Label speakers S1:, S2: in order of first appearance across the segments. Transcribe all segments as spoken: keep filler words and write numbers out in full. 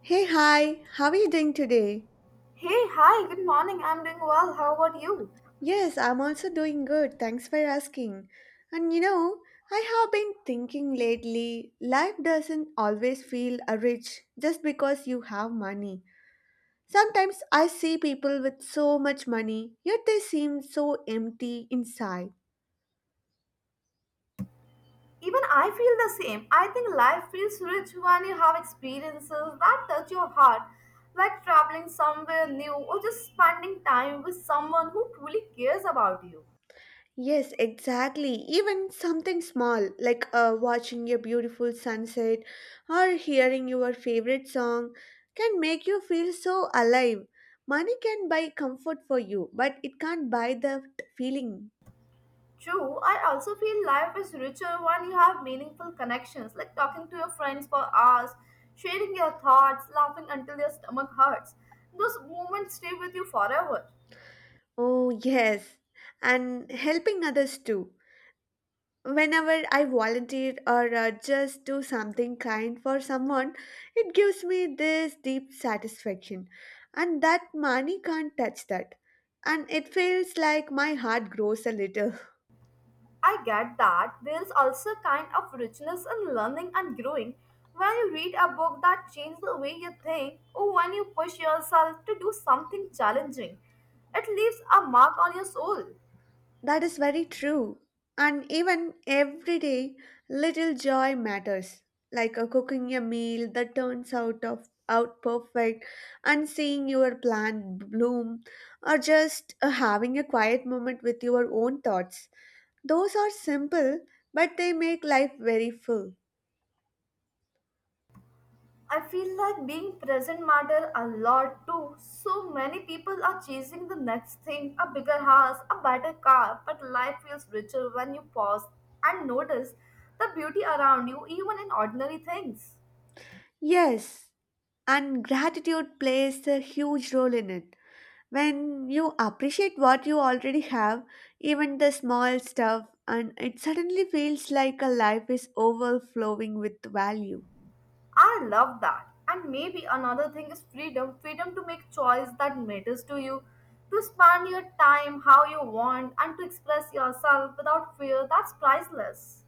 S1: Hey, hi, how are you doing today?
S2: Hey, hi, good morning. I'm doing well. How about you?
S1: Yes, I'm also doing good. Thanks for asking. And you know, I have been thinking lately, life doesn't always feel uh, rich just because you have money. Sometimes I see people with so much money, yet they seem so empty inside.
S2: Even I feel the same. I think life feels rich when you have experiences that touch your heart, like traveling somewhere new or just spending time with someone who truly cares about you.
S1: Yes, exactly. Even something small like uh, watching a beautiful sunset or hearing your favorite song can make you feel so alive. Money can buy comfort for you, but it can't buy the feeling.
S2: True, I also feel life is richer when you have meaningful connections, like talking to your friends for hours, sharing your thoughts, laughing until your stomach hurts. Those moments stay with you forever.
S1: Oh, yes. And helping others too. Whenever I volunteer or uh, just do something kind for someone, it gives me this deep satisfaction, and that money can't touch that. And it feels like my heart grows a little.
S2: I get that there is also a kind of richness in learning and growing when you read a book that changes the way you think or when you push yourself to do something challenging. It leaves a mark on your soul.
S1: That is very true. And even every day, little joy matters, like uh, cooking a meal that turns out of out perfect, and seeing your plant bloom, or just uh, having a quiet moment with your own thoughts. Those are simple, but they make life very full.
S2: I feel like being present matter a lot too. So many people are chasing the next thing, a bigger house, a better car, but life feels richer when you pause and notice the beauty around you even in ordinary things.
S1: Yes, and gratitude plays a huge role in it. When you appreciate what you already have, even the small stuff, and it suddenly feels like a life is overflowing with value.
S2: I love that. And maybe another thing is freedom freedom to make choice that matters to you, to spend your time how you want, and to express yourself without fear. That's priceless.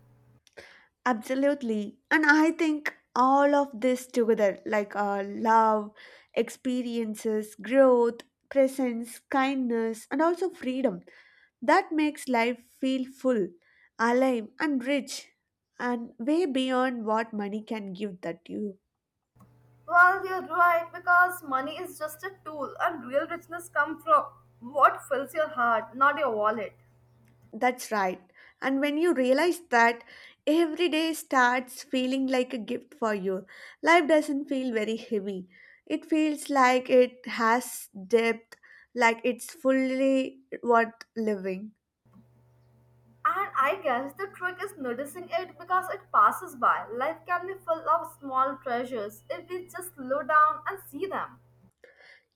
S1: Absolutely. And I think all of this together, like uh, love, experiences, growth, presence, kindness, and also freedom, that makes life feel full, alive, and rich, and way beyond what money can give that you.
S2: Well, you're right, because money is just a tool, and real richness comes from what fills your heart, not your wallet.
S1: That's right. And when you realize that, every day starts feeling like a gift for you. Life doesn't feel very heavy. It feels like it has depth, like it's fully worth living.
S2: And I guess the trick is noticing it because it passes by. Life can be full of small treasures if we just slow down and see them.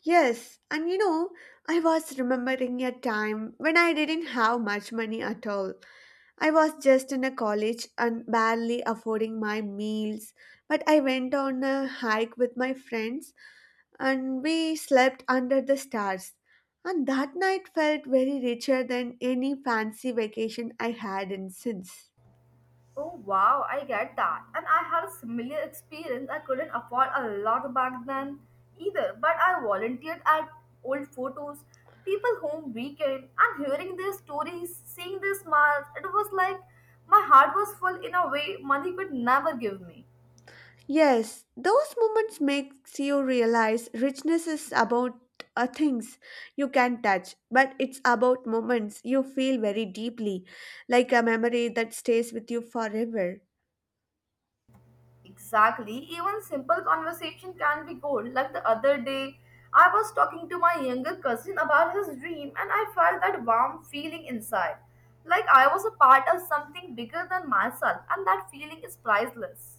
S1: Yes, and you know, I was remembering a time when I didn't have much money at all. I was just in a college and barely affording my meals, but I went on a hike with my friends and we slept under the stars. And that night felt very richer than any fancy vacation I had in since.
S2: Oh wow, I get that. And I had a similar experience. I couldn't afford a lot back then either, but I volunteered at old photos, people home weekend, and hearing their stories, seeing their smiles, it was like my heart was full in a way money could never give me.
S1: Yes, those moments makes you realize richness is about uh, things you can touch, but it's about moments you feel very deeply, like a memory that stays with you forever.
S2: Exactly. Even simple conversation can be gold. Like the other day, I was talking to my younger cousin about his dream and I felt that warm feeling inside. Like I was a part of something bigger than myself and that feeling is priceless.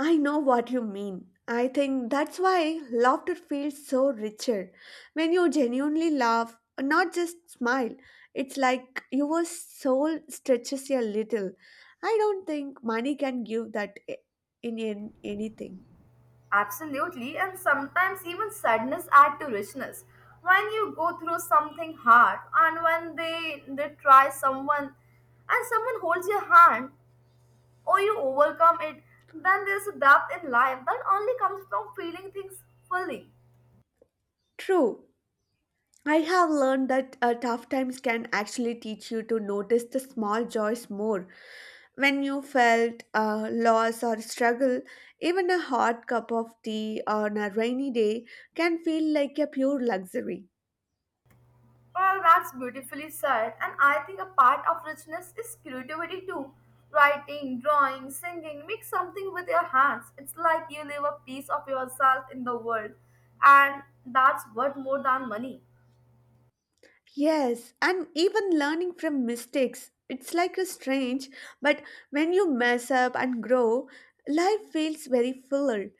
S1: I know what you mean. I think that's why laughter feels so richer. When you genuinely laugh, not just smile, it's like your soul stretches a little. I don't think money can give that I- in, an- anything.
S2: Absolutely, and sometimes even sadness add to richness. When you go through something hard and when they they try someone and someone holds your hand or you overcome it, then there's a depth in life that only comes from feeling things fully.
S1: True. I have learned that uh, tough times can actually teach you to notice the small joys more. When you felt a loss or struggle, even a hot cup of tea on a rainy day can feel like a pure luxury.
S2: Well, that's beautifully said, and I think a part of richness is creativity too. Writing, drawing, singing, make something with your hands. It's like you leave a piece of yourself in the world, and that's worth more than money.
S1: Yes, and even learning from mistakes, it's like a strange, but when you mess up and grow, life feels very fuller.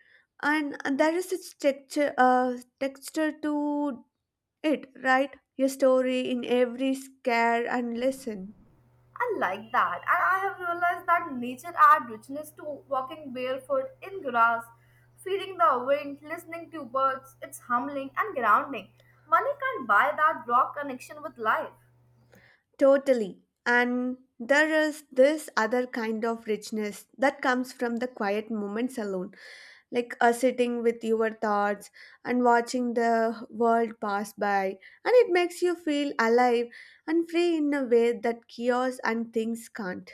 S1: And there is a texture, uh, texture to it, right? Your story in every scare and lesson.
S2: I like that, and I have realized that nature adds richness to walking barefoot in grass, feeling the wind, listening to birds. It's humbling and grounding. Money can't buy that raw connection with life.
S1: Totally. And there is this other kind of richness that comes from the quiet moments alone, like uh, sitting with your thoughts and watching the world pass by. And it makes you feel alive and free in a way that chaos and things can't.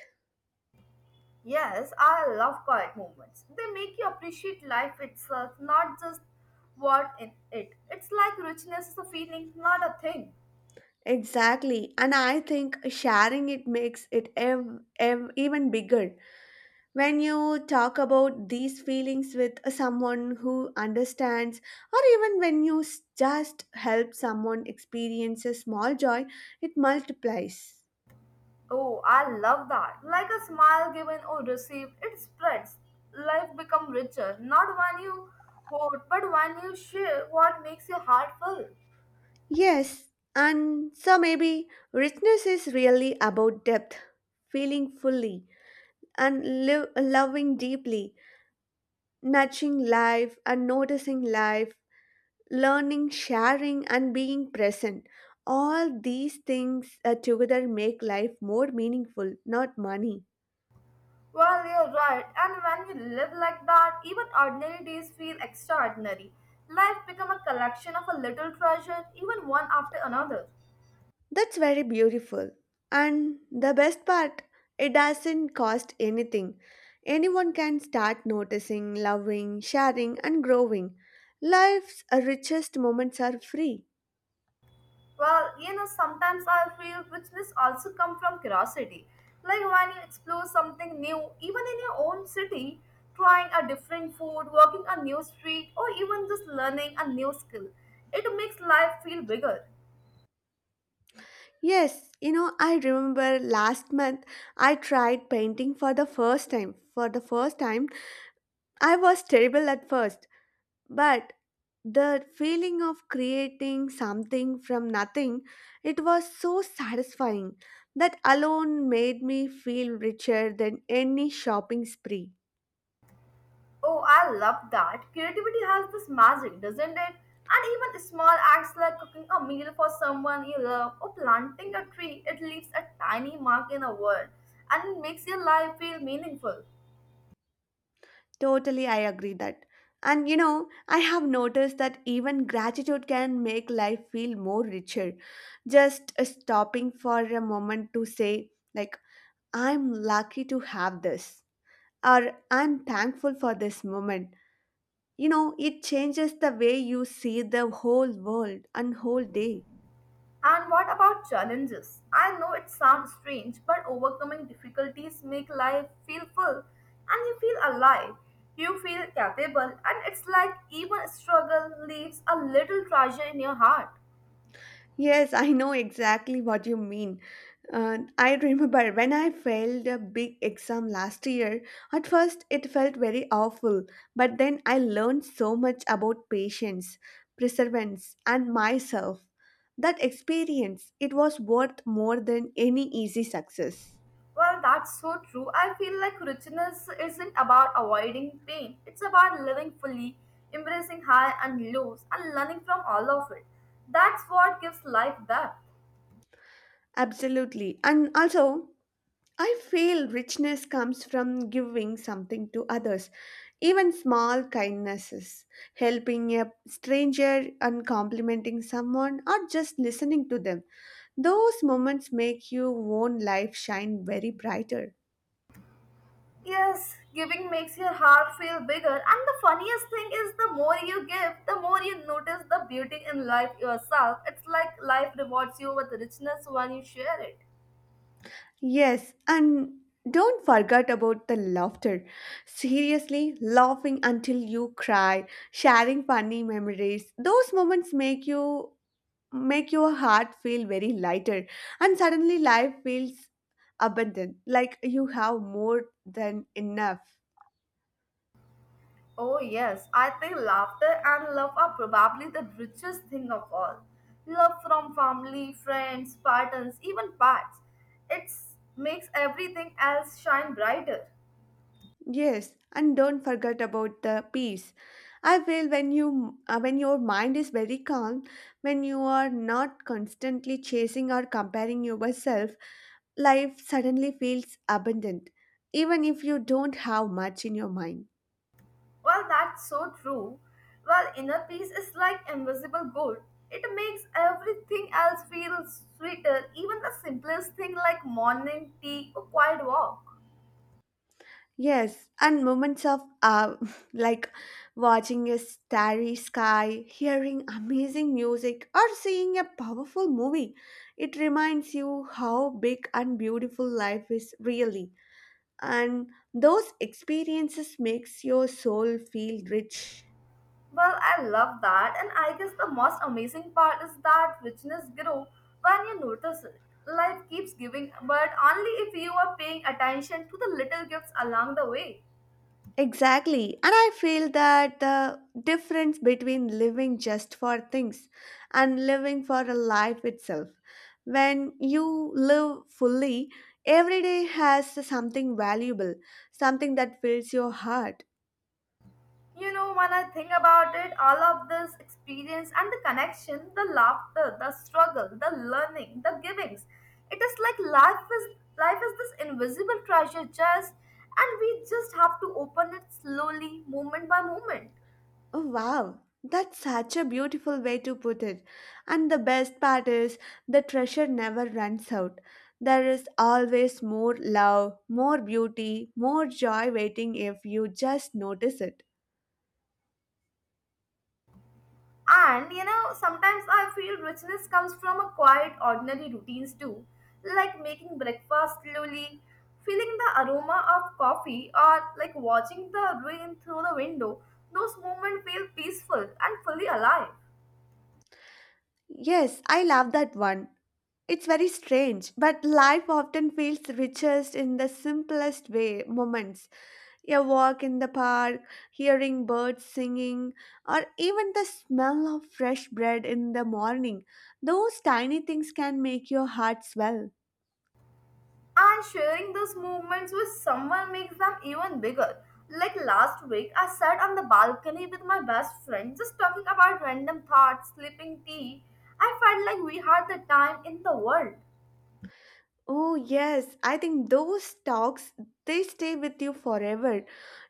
S2: Yes, I love quiet moments. They make you appreciate life itself, not just what in it. It's like richness is a feeling, not a thing.
S1: Exactly. And I think sharing it makes it ev- ev- even bigger. When you talk about these feelings with someone who understands, or even when you s- just help someone experience a small joy, it multiplies.
S2: Oh, I love that. Like a smile given or received, it spreads. Life become richer, not when you hoard, but when you share what makes your heart full.
S1: Yes, and so maybe richness is really about depth, feeling fully, and live, loving deeply, nurturing life, and noticing life learning, sharing, and being present. All these things uh, together make life more meaningful, not money.
S2: Well, you're right, and when you live like that, even ordinary days feel extraordinary. Life become a collection of a little treasure, even one after another.
S1: That's very beautiful. And the best part, it doesn't cost anything. Anyone can start noticing, loving, sharing, and growing. Life's uh, richest moments are free.
S2: Well, you know, sometimes I feel richness also come from curiosity. Like when you explore something new, even in your own city, trying a different food, walking a new street, or even just learning a new skill, it makes life feel bigger.
S1: Yes, you know, I remember last month I tried painting for the first time. For the first time, I was terrible at first but the feeling of creating something from nothing it was so satisfying that alone made me feel richer than any shopping spree
S2: Oh, I love that. Creativity has this magic, doesn't it? And even small acts like cooking a meal for someone you love or planting a tree, it leaves a tiny mark in the world and it makes your life feel meaningful.
S1: totally I agree that and you know I have noticed that even gratitude can make life feel more richer just uh, stopping for a moment to say like I'm lucky to have this or I'm thankful for this moment. You know, it changes the way you see the whole world and whole day.
S2: And what about challenges? I know it sounds strange, but overcoming difficulties make life feel full and you feel alive. You feel capable and it's like even struggle leaves a little treasure in your heart.
S1: Yes, I know exactly what you mean. Uh, I remember when I failed a big exam last year, at first it felt very awful, but then I learned so much about patience, perseverance, and myself. That experience, it was worth more than any easy success.
S2: Well, that's so true. I feel like richness isn't about avoiding pain. It's about living fully, embracing high and lows and learning from all of it. That's what gives life depth.
S1: Absolutely. And also, I feel richness comes from giving something to others, even small kindnesses, helping a stranger and complimenting someone, or just listening to them. Those moments make your own life shine very brighter.
S2: Yes, giving makes your heart feel bigger, and the funniest thing is the more you give, the more you notice the beauty in life yourself. It's like life rewards you with richness when you share it.
S1: Yes, and don't forget about the laughter. Seriously, laughing until you cry, sharing funny memories. Those moments make you make your heart feel very lighter and suddenly life feels abundant like you have more than enough.
S2: Oh, yes, I think laughter and love are probably the richest thing of all. Love from family, friends, partners, even pets. It makes everything else shine brighter.
S1: Yes, and don't forget about the peace. I feel when you uh, when your mind is very calm, when you are not constantly chasing or comparing yourself. Life suddenly feels abundant, even if you don't have much in your mind.
S2: Well, that's so true. Well, inner peace is like invisible gold. It makes everything else feel sweeter, even the simplest thing like morning tea or quiet walk.
S1: Yes, and moments of uh, like watching a starry sky, hearing amazing music, or seeing a powerful movie. It reminds you how big and beautiful life is really. And those experiences makes your soul feel rich.
S2: Well, I love that, and I guess the most amazing part is that richness grows when you notice it. Life keeps giving, but only if you are paying attention to the little gifts along the way.
S1: Exactly. And I feel that the difference between living just for things and living for a life itself. When you live fully, every day has something valuable, something that fills your heart.
S2: You know, when I think about it, all of this experience and the connection, the laughter, the struggle, the learning, the givings, it is like life is life is this invisible treasure chest and we just have to open it slowly, moment by moment.
S1: Oh, wow. That's such a beautiful way to put it. And the best part is the treasure never runs out. There is always more love, more beauty, more joy waiting if you just notice it.
S2: And you know, sometimes I feel richness comes from a quiet, ordinary routines too, like making breakfast slowly, feeling the aroma of coffee, or like watching the rain through the window. Those moments feel peaceful and fully alive.
S1: Yes, I love that one. It's very strange, but life often feels richest in the simplest way moments. A walk in the park, hearing birds singing, or even the smell of fresh bread in the morning. Those tiny things can make your heart swell.
S2: And sharing those moments with someone makes them even bigger. Like last week, I sat on the balcony with my best friend, just talking about random thoughts, sipping tea. I felt like we had the time in the world.
S1: Oh, yes. I think those talks, they stay with you forever.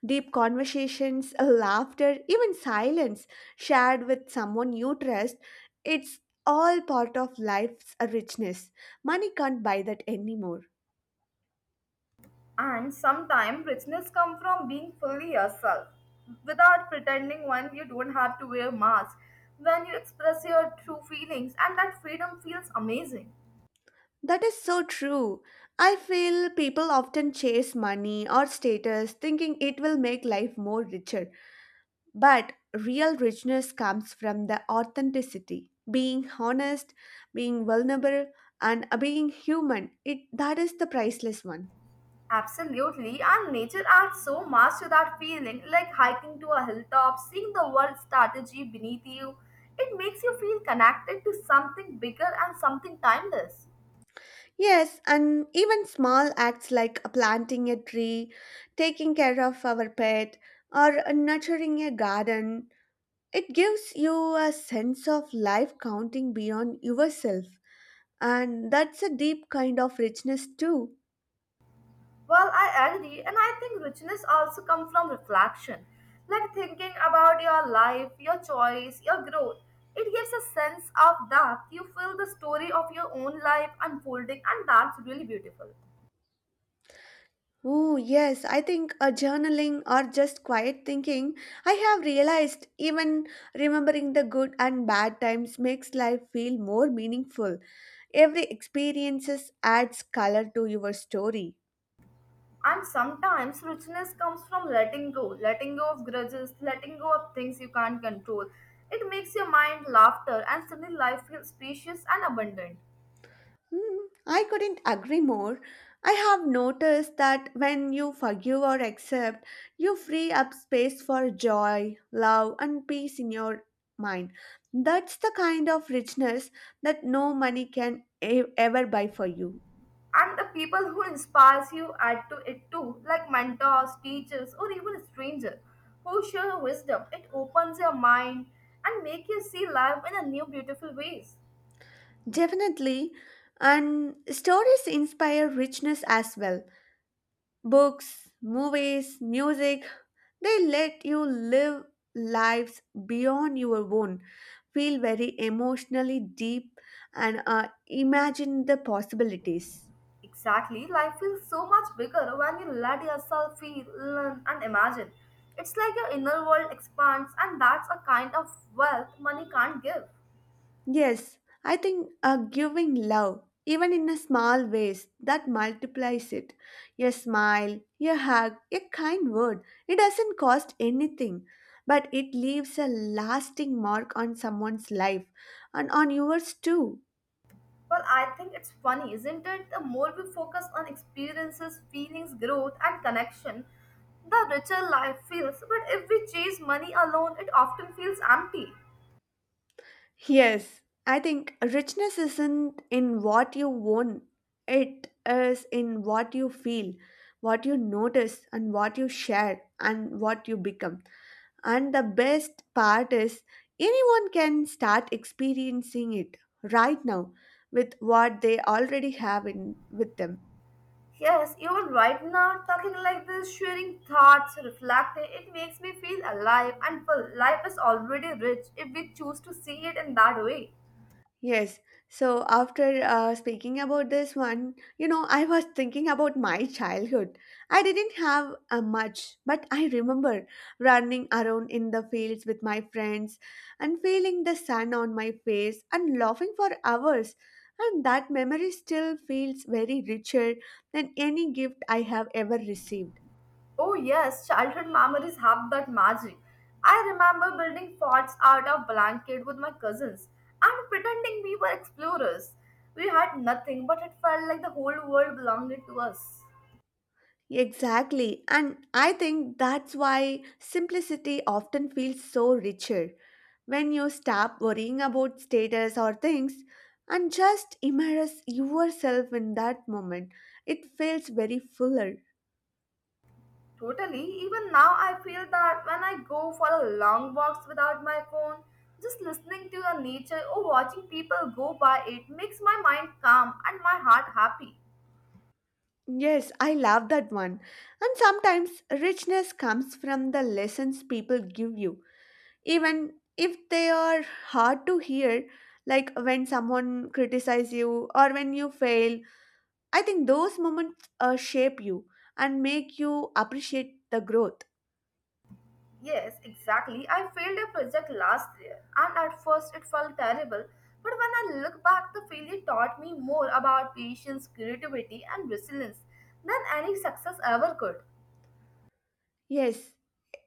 S1: Deep conversations, laughter, even silence shared with someone you trust, it's all part of life's richness. Money can't buy that anymore.
S2: And sometimes richness comes from being fully yourself without pretending when you don't have to wear mask, when you express your true feelings, and that freedom feels amazing.
S1: That is so true. I feel people often chase money or status thinking it will make life more richer. But real richness comes from the authenticity, being honest, being vulnerable, and uh, being human. It that is the priceless one.
S2: Absolutely, and nature adds so much to that feeling, like hiking to a hilltop, seeing the world strategy beneath you. It makes you feel connected to something bigger and something timeless.
S1: Yes, and even small acts like planting a tree, taking care of our pet, or nurturing a garden, it gives you a sense of life counting beyond yourself. And that's a deep kind of richness too.
S2: Well, I agree, and I think richness also comes from reflection, like thinking about your life, your choice, your growth. It gives a sense of depth. You feel the story of your own life unfolding, and that's really beautiful.
S1: Oh, yes, I think a journaling or just quiet thinking. I have realized even remembering the good and bad times makes life feel more meaningful. Every experiences adds color to your story.
S2: And sometimes richness comes from letting go, letting go of grudges, letting go of things you can't control. It makes your mind laughter, and suddenly life feels spacious and abundant.
S1: Mm, I couldn't agree more. I have noticed that when you forgive or accept, you free up space for joy, love, and peace in your mind. That's the kind of richness that no money can e- ever buy for you.
S2: And the people who inspires you add to it too, like mentors, teachers, or even a stranger who share wisdom. It opens your mind and make you see life in a new beautiful ways.
S1: Definitely. And stories inspire richness as well. Books, movies, music, they let you live lives beyond your own, feel very emotionally deep, and uh, imagine the possibilities.
S2: Exactly, life feels so much bigger when you let yourself feel, learn, and imagine. It's like your inner world expands, and that's a kind of wealth money can't give.
S1: Yes, I think uh, giving love, even in a small ways, that multiplies it. A smile, a hug, a kind word, it doesn't cost anything. But it leaves a lasting mark on someone's life and on yours too.
S2: Well, I think it's funny, isn't it? The more we focus on experiences, feelings, growth, and connection, the richer life feels. But if we chase money alone, it often feels empty.
S1: Yes, I think richness isn't in what you own, it is in what you feel, what you notice, and what you share, and what you become. And the best part is, anyone can start experiencing it right now with what they already have in with them.
S2: Yes, even right now, talking like this, sharing thoughts, reflecting, it makes me feel alive and full. Life is already rich if we choose to see it in that way.
S1: Yes. So after uh, speaking about this one, you know, I was thinking about my childhood. I didn't have uh, much, but I remember running around in the fields with my friends and feeling the sun on my face and laughing for hours. And that memory still feels very richer than any gift I have ever received.
S2: Oh, yes, childhood memories have that magic. I remember building forts out of blanket with my cousins and pretending we were explorers. We had nothing, but it felt like the whole world belonged to us.
S1: Exactly. And I think that's why simplicity often feels so richer when you stop worrying about status or things and just immerse yourself in that moment. It feels very fuller.
S2: Totally, even now I feel that when I go for a long walks without my phone, just listening to the nature or watching people go by it makes my mind calm and my heart happy.
S1: Yes, I love that one. And sometimes richness comes from the lessons people give you, even if they are hard to hear, like when someone criticizes you or when you fail. I think those moments uh, shape you and make you appreciate the growth.
S2: Yes, exactly. I failed a project last year, and at first it felt terrible. But when I look back, the failure taught me more about patience, creativity, and resilience than any success ever could.
S1: Yes,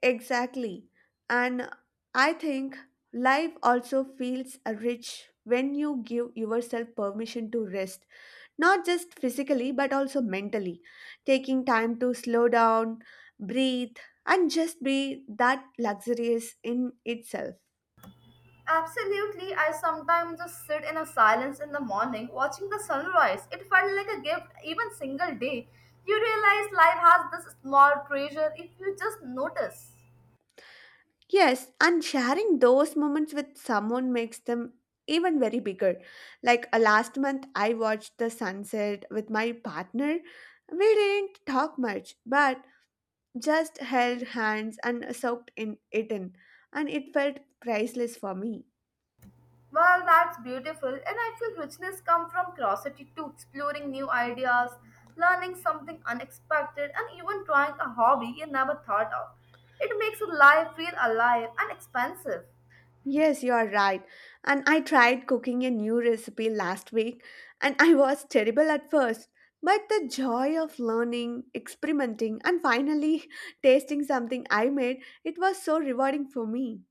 S1: exactly. And I think life also feels uh, rich when you give yourself permission to rest, not just physically but also mentally. Taking time to slow down, breathe, and just be that luxurious in itself.
S2: Absolutely, I sometimes just sit in a silence in the morning watching the sunrise. It felt like a gift, even single day. You realize life has this small treasure if you just notice.
S1: Yes, and sharing those moments with someone makes them even very bigger. Like uh, last month, I watched the sunset with my partner. We didn't talk much, but just held hands and soaked in it in, and it felt priceless for me.
S2: Well, that's beautiful, and I feel richness comes from curiosity too, exploring new ideas, learning something unexpected, and even trying a hobby you never thought of. It makes life feel alive and expansive.
S1: Yes, you are right. And I tried cooking a new recipe last week and I was terrible at first. But the joy of learning, experimenting, and finally tasting something I made, it was so rewarding for me.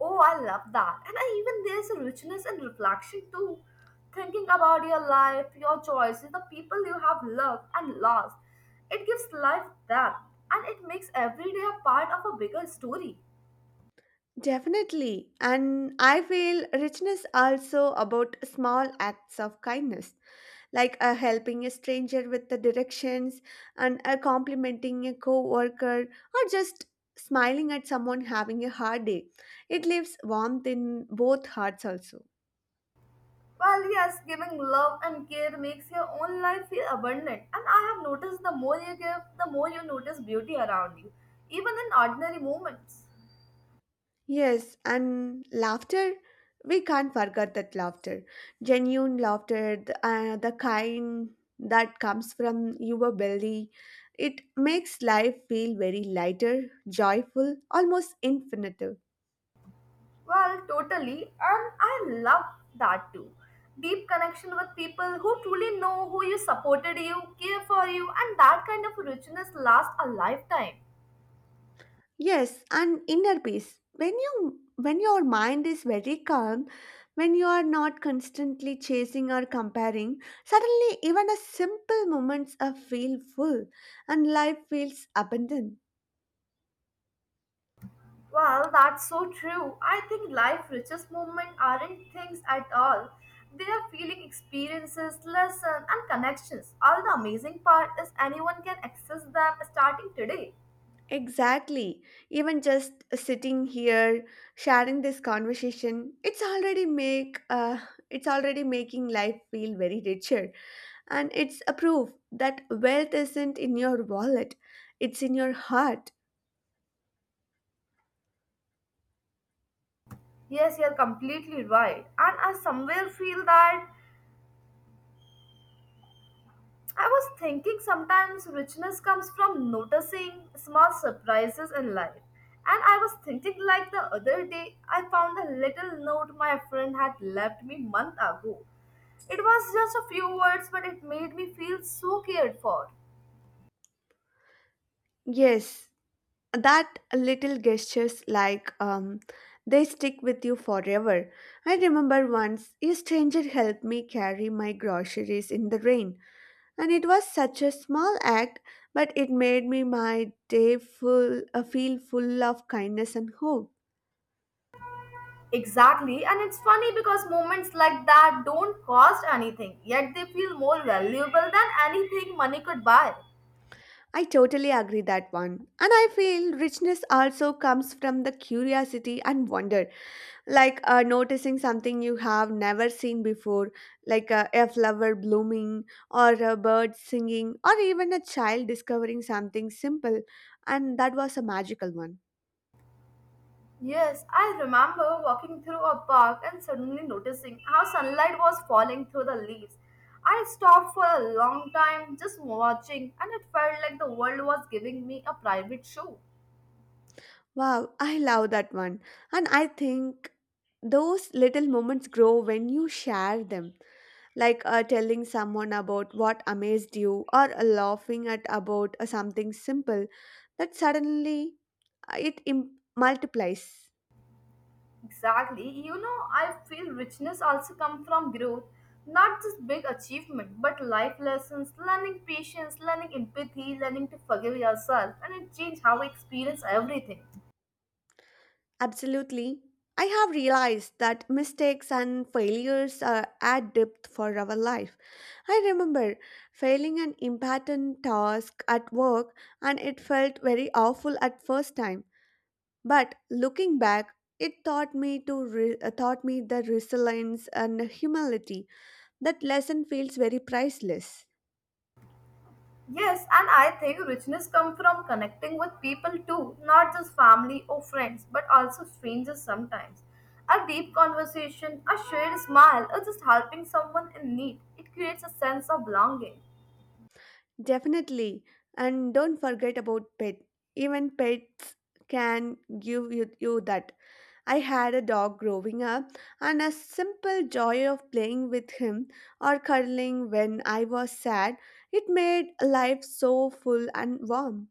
S2: Oh, I love that. And I, even there's a richness in reflection too. Thinking about your life, your choices, the people you have loved and lost. It gives life depth and it makes every day a part of a bigger story.
S1: Definitely. And I feel richness also about small acts of kindness. Like uh, helping a stranger with the directions and uh, complimenting a co-worker or just smiling at someone having a hard day, it leaves warmth in both hearts also.
S2: Well, yes, giving love and care makes your own life feel abundant. And I have noticed the more you give, the more you notice beauty around you, even in ordinary moments.
S1: Yes, and laughter, we can't forget that laughter, genuine laughter, the, uh, the kind that comes from your belly, it makes life feel very lighter, joyful, almost infinite.
S2: Well, totally. And I love that too. Deep connection with people who truly know who you supported you, care for you, and that kind of richness lasts a lifetime.
S1: Yes, and inner peace. When you when your mind is very calm, when you are not constantly chasing or comparing, suddenly even a simple moments are feel full and life feels abundant.
S2: Well, that's so true. I think life richest moments aren't things at all. They are feeling experiences, lessons, and connections. All the amazing part is anyone can access them starting today.
S1: Exactly. Even just sitting here sharing this conversation, it's already make uh, it's already making life feel very richer, and it's a proof that wealth isn't in your wallet, it's in your heart.
S2: Yes, you're completely right. And I somewhere feel that I was thinking sometimes richness comes from noticing small surprises in life. And I was thinking like the other day, I found a little note my friend had left me month ago. It was just a few words, but it made me feel so cared for.
S1: Yes, that little gestures like um, they stick with you forever. I remember once a stranger helped me carry my groceries in the rain, and it was such a small act, but it made me my day full, uh, feel full of kindness and hope.
S2: Exactly, and it's funny because moments like that don't cost anything, yet they feel more valuable than anything money could buy.
S1: I totally agree that one, and I feel richness also comes from the curiosity and wonder. Like uh, noticing something you have never seen before, like uh, a flower blooming, or a bird singing, or even a child discovering something simple. And that was a magical one.
S2: Yes, I remember walking through a park and suddenly noticing how sunlight was falling through the leaves. I stopped for a long time just watching, and it felt like the world was giving me a private show.
S1: Wow, I love that one. And I think those little moments grow when you share them, like uh, telling someone about what amazed you, or uh, laughing at about uh, something simple that suddenly uh, it im- multiplies.
S2: Exactly. You know, I feel richness also comes from growth, not just big achievement, but life lessons, learning patience, learning empathy, learning to forgive yourself, and it changes how we experience everything.
S1: Absolutely. I have realized that mistakes and failures are add depth for our life. I remember failing an important task at work and it felt very awful at first time. But looking back, it taught me to re- uh, taught me the resilience and humility. That lesson feels very priceless.
S2: Yes, and I think richness comes from connecting with people too, not just family or friends, but also strangers sometimes. A deep conversation, a shared smile, or just helping someone in need, it creates a sense of belonging.
S1: Definitely. And don't forget about pet. Even pets can give you, you that. I had a dog growing up, and a simple joy of playing with him or cuddling when I was sad, it made life so full and warm.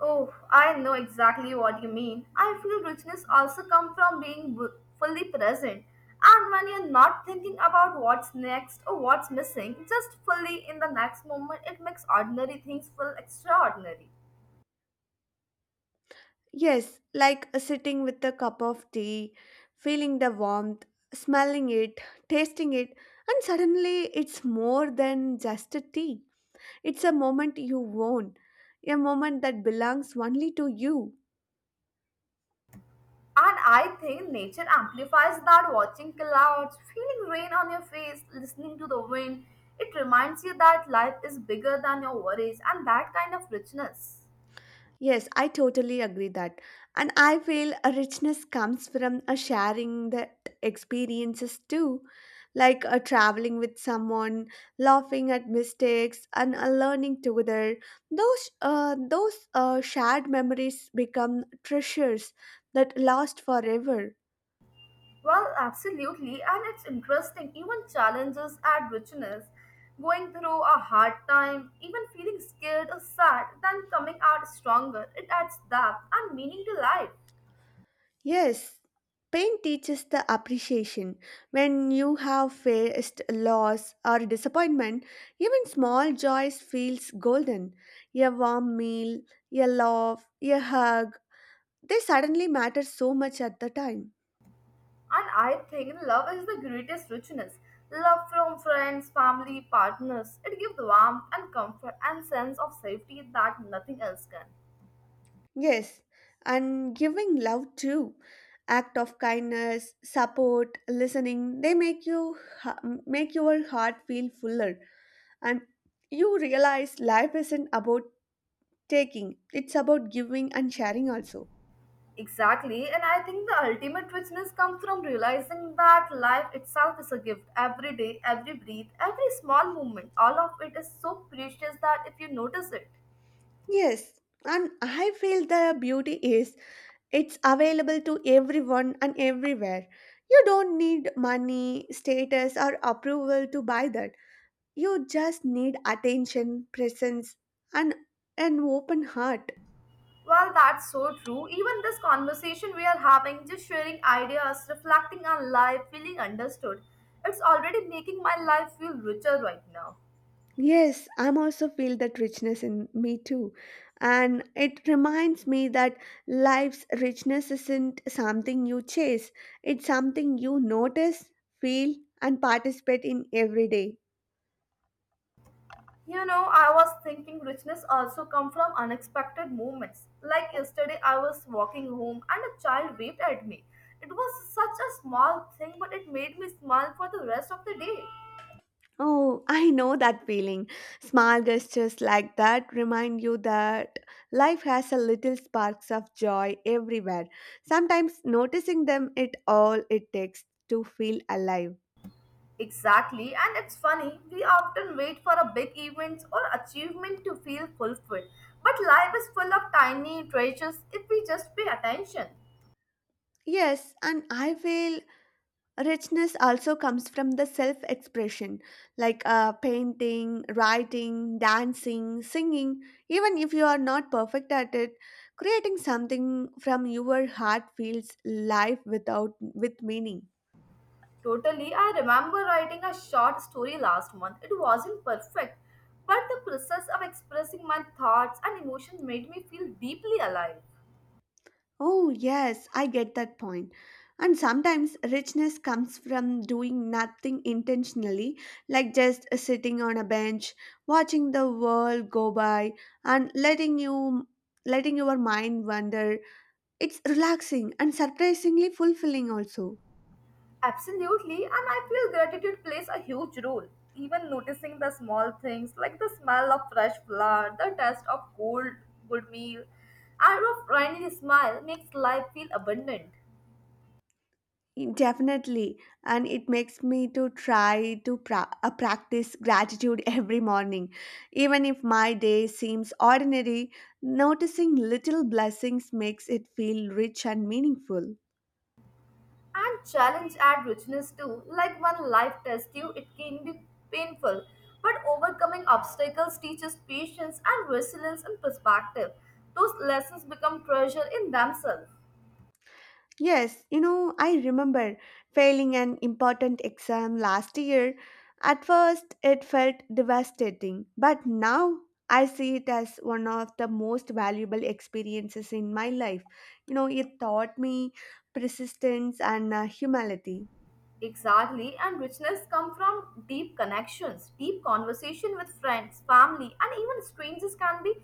S2: Oh, I know exactly what you mean. I feel richness also comes from being w- fully present. And when you're not thinking about what's next or what's missing, just fully in the next moment, it makes ordinary things feel extraordinary.
S1: Yes, like sitting with a cup of tea, feeling the warmth, smelling it, tasting it, and suddenly it's more than just a tea. It's a moment you own, a moment that belongs only to you.
S2: And I think nature amplifies that watching clouds, feeling rain on your face, listening to the wind. It reminds you that life is bigger than your worries and that kind of richness.
S1: Yes, I totally agree that. And I feel a richness comes from a sharing the experiences too, like a traveling with someone, laughing at mistakes, and a learning together. Those uh, those uh, shared memories become treasures that last forever.
S2: Well, absolutely, and it's interesting, even challenges add richness. Going through a hard time, even feeling scared or sad, then coming out stronger, it adds depth and meaning to life.
S1: Yes, pain teaches the appreciation. When you have faced loss or disappointment, even small joys feels golden. A warm meal, a laugh, a hug, they suddenly matter so much at the time.
S2: And I think love is the greatest richness. Love from friends, family, partners. It gives warmth and comfort and sense of safety that nothing else can.
S1: Yes, and giving love too. Act of kindness, support, listening, they make you ha- make your heart feel fuller, and you realize life isn't about taking. It's about giving and sharing also.
S2: Exactly, and I think the ultimate richness comes from realizing that life itself is a gift. Every day, every breath, every small moment, all of it is so precious that if you notice it,
S1: Yes, and I feel the beauty is it's available to everyone and everywhere. You don't need money, status, or approval to buy that. You just need attention, presence, and an open heart.
S2: Well, that's so true. Even this conversation we are having, just sharing ideas, reflecting on life, feeling understood, it's already making my life feel richer right now.
S1: Yes, I'm also feel that richness in me too. And it reminds me that life's richness isn't something you chase. It's something you notice, feel, and participate in every day.
S2: You know, I was thinking richness also come from unexpected moments. Like yesterday, I was walking home and a child waved at me. It was such a small thing, but it made me smile for the rest of the day.
S1: Oh, I know that feeling. Small gestures like that remind you that life has a little sparks of joy everywhere. Sometimes noticing them it all it takes to feel alive.
S2: Exactly, and it's funny, we often wait for a big event or achievement to feel fulfilled. But life is full of tiny treasures if we just pay attention.
S1: Yes, and I feel richness also comes from the self expression, like uh, painting, writing, dancing, singing, even if you are not perfect at it, creating something from your heart feels life without with meaning.
S2: Totally, I remember writing a short story last month. It wasn't perfect, but the process of expressing my thoughts and emotion made me feel deeply alive.
S1: Oh, yes, I get that point. And sometimes richness comes from doing nothing intentionally, like just sitting on a bench, watching the world go by, and letting you letting your mind wander. It's relaxing and surprisingly fulfilling also.
S2: Absolutely, and I feel gratitude plays a huge role. Even noticing the small things like the smell of fresh flour, the taste of cold, good meal, and a friendly smile makes life feel abundant.
S1: Definitely, and it makes me to try to pra- uh, practice gratitude every morning. Even if my day seems ordinary, noticing little blessings makes it feel rich and meaningful.
S2: And challenge add richness too. Like when life tests you, it can be painful, but overcoming obstacles teaches patience and resilience and perspective. Those lessons become treasure in themselves.
S1: Yes, you know, I remember failing an important exam last year. At first, it felt devastating, but now I see it as one of the most valuable experiences in my life. You know, it taught me persistence and uh, humility.
S2: Exactly, and richness come from deep connections, deep conversation with friends, family, and even strangers can be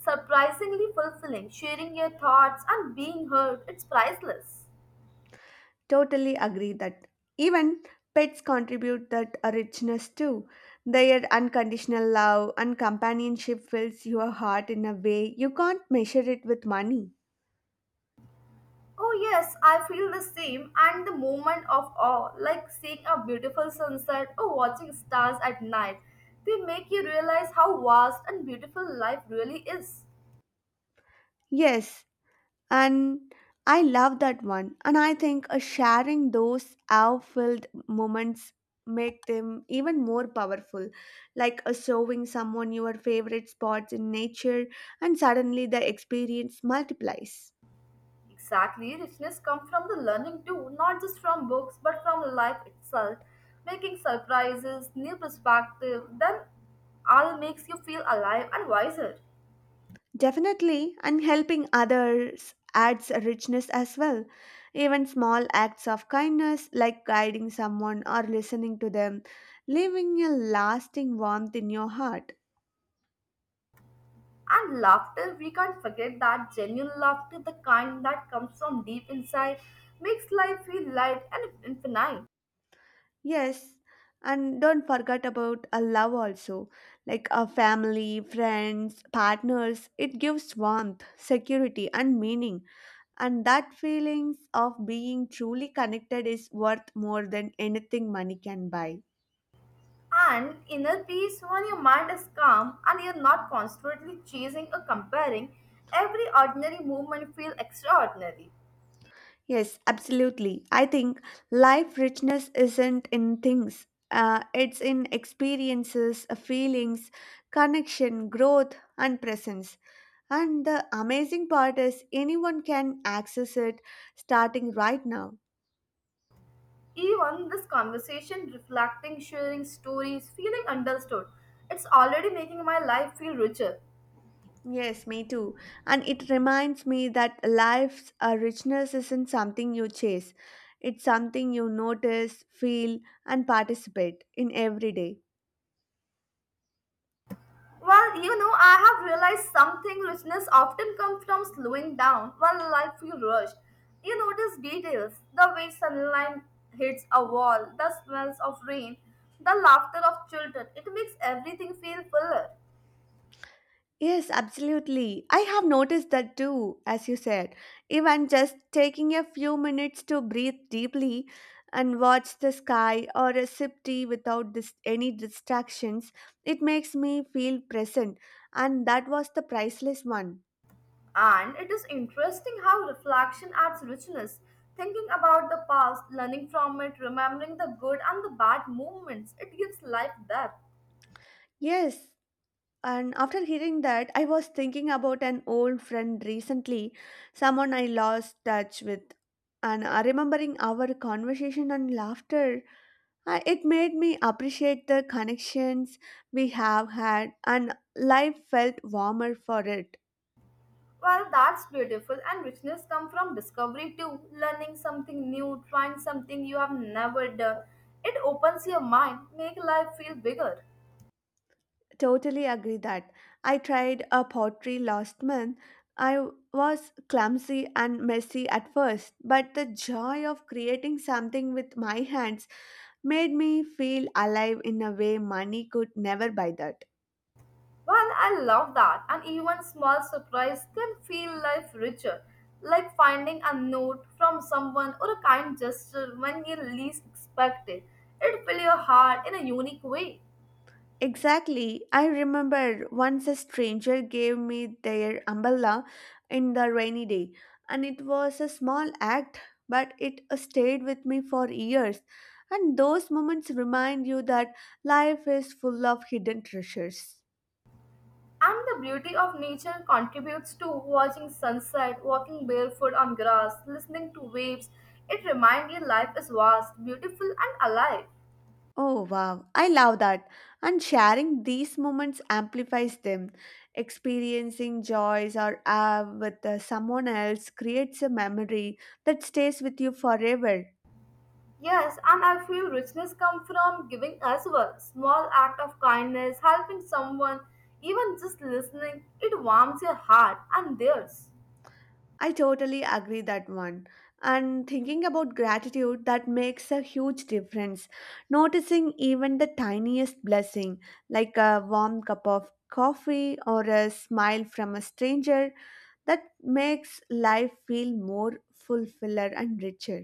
S2: surprisingly fulfilling. Sharing your thoughts and being heard, it's priceless.
S1: Totally agree that. Even pets contribute that richness too. Their unconditional love and companionship fills your heart in a way you can't measure it with money.
S2: Oh yes, I feel the same and the moment of awe, like seeing a beautiful sunset or watching stars at night. They make you realize how vast and beautiful life really is.
S1: Yes, and I love that one. And I think uh, sharing those awe-filled moments make them even more powerful, like uh, showing someone your favorite spots in nature, and suddenly the experience multiplies.
S2: Exactly, richness comes from the learning too, not just from books but from life itself. Making surprises, new perspective, then all makes you feel alive and wiser.
S1: Definitely, and helping others adds a richness as well. Even small acts of kindness, like guiding someone or listening to them, leaving a lasting warmth in your heart.
S2: And laughter, we can't forget that genuine laughter, the kind that comes from deep inside, makes life feel light and infinite.
S1: Yes, and don't forget about a love also, like a family, friends, partners. It gives warmth, security, and meaning. And that feelings of being truly connected is worth more than anything money can buy.
S2: And inner peace when your mind is calm and you're not constantly chasing or comparing, every ordinary movement feels extraordinary.
S1: Yes, absolutely. I think life richness isn't in things. Uh, it's in experiences, uh, feelings, connection, growth, and presence. And the amazing part is anyone can access it starting right now.
S2: Even this conversation, reflecting, sharing stories, feeling understood, it's already making my life feel richer.
S1: Yes, me too. And it reminds me that life's uh, richness isn't something you chase. It's something you notice, feel, and participate in every day.
S2: Well, you know, I have realized something richness often comes from slowing down when life feels rushed. You notice details, the way sunlight hits a wall, the smells of rain, the laughter of children. It makes everything feel fuller.
S1: Yes, absolutely. I have noticed that too, as you said. Even just taking a few minutes to breathe deeply and watch the sky or a sip tea without dis- any distractions, it makes me feel present. And that was the priceless one.
S2: And it is interesting how reflection adds richness. Thinking about the past, learning from it, remembering the good and the bad moments, it gives life depth.
S1: Yes. And after hearing that, I was thinking about an old friend recently, someone I lost touch with. And uh, remembering our conversation and laughter, Uh, it made me appreciate the connections we have had, and life felt warmer for it.
S2: Well, that's beautiful, and richness comes from discovery too. Learning something new, trying something you have never done. It opens your mind, make life feel bigger.
S1: Totally agree that. I tried a pottery last month. I was clumsy and messy at first, but the joy of creating something with my hands made me feel alive in a way money could never buy that.
S2: Well, I love that. And even small surprise can feel life richer, like finding a note from someone or a kind gesture when you least expect it. It fills your heart in a unique way.
S1: Exactly. I remember once a stranger gave me their umbrella in the rainy day, and it was a small act, but it stayed with me for years. And those moments remind you that life is full of hidden treasures.
S2: And the beauty of nature contributes to watching sunset, walking barefoot on grass, listening to waves. It reminds you life is vast, beautiful, and alive.
S1: Oh wow, I love that. And sharing these moments amplifies them. Experiencing joys or awe with uh, someone else creates a memory that stays with you forever.
S2: Yes, and I feel richness comes from giving as well. Small act of kindness, helping someone, even just listening, it warms your heart and theirs.
S1: I totally agree that one. And thinking about gratitude that makes a huge difference. Noticing even the tiniest blessing, like a warm cup of coffee or a smile from a stranger, that makes life feel more fulfiller and richer.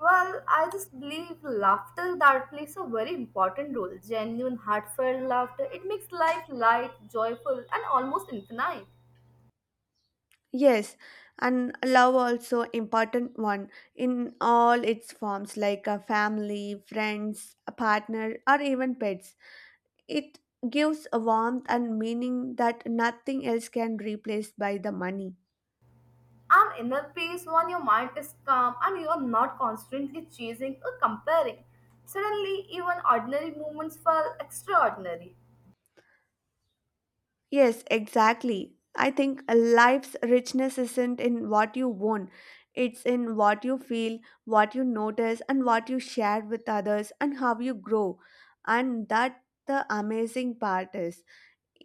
S2: Well, I just believe laughter that plays a very important role. Genuine, heartfelt laughter, it makes life light, joyful, and almost infinite.
S1: Yes, and love also important one in all its forms, like a family, friends, a partner or even pets. It gives a warmth and meaning that nothing else can replace by the money.
S2: An inner peace when your mind is calm and you are not constantly chasing or comparing. Suddenly, even ordinary moments feel extraordinary.
S1: Yes, exactly. I think a life's richness isn't in what you own. It's in what you feel, what you notice, and what you share with others, and how you grow. And that the amazing part is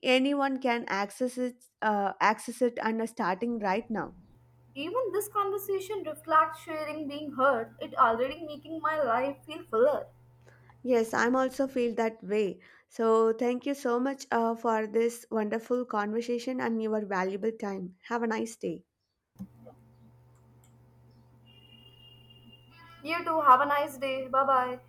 S1: anyone can access it, uh, access it, and are starting right now.
S2: Even this conversation reflects sharing being heard. It already making my life feel fuller.
S1: Yes, I'm also feel that way. So thank you so much uh, for this wonderful conversation and your valuable time. Have a nice day.
S2: You too. Have a nice day. Bye bye.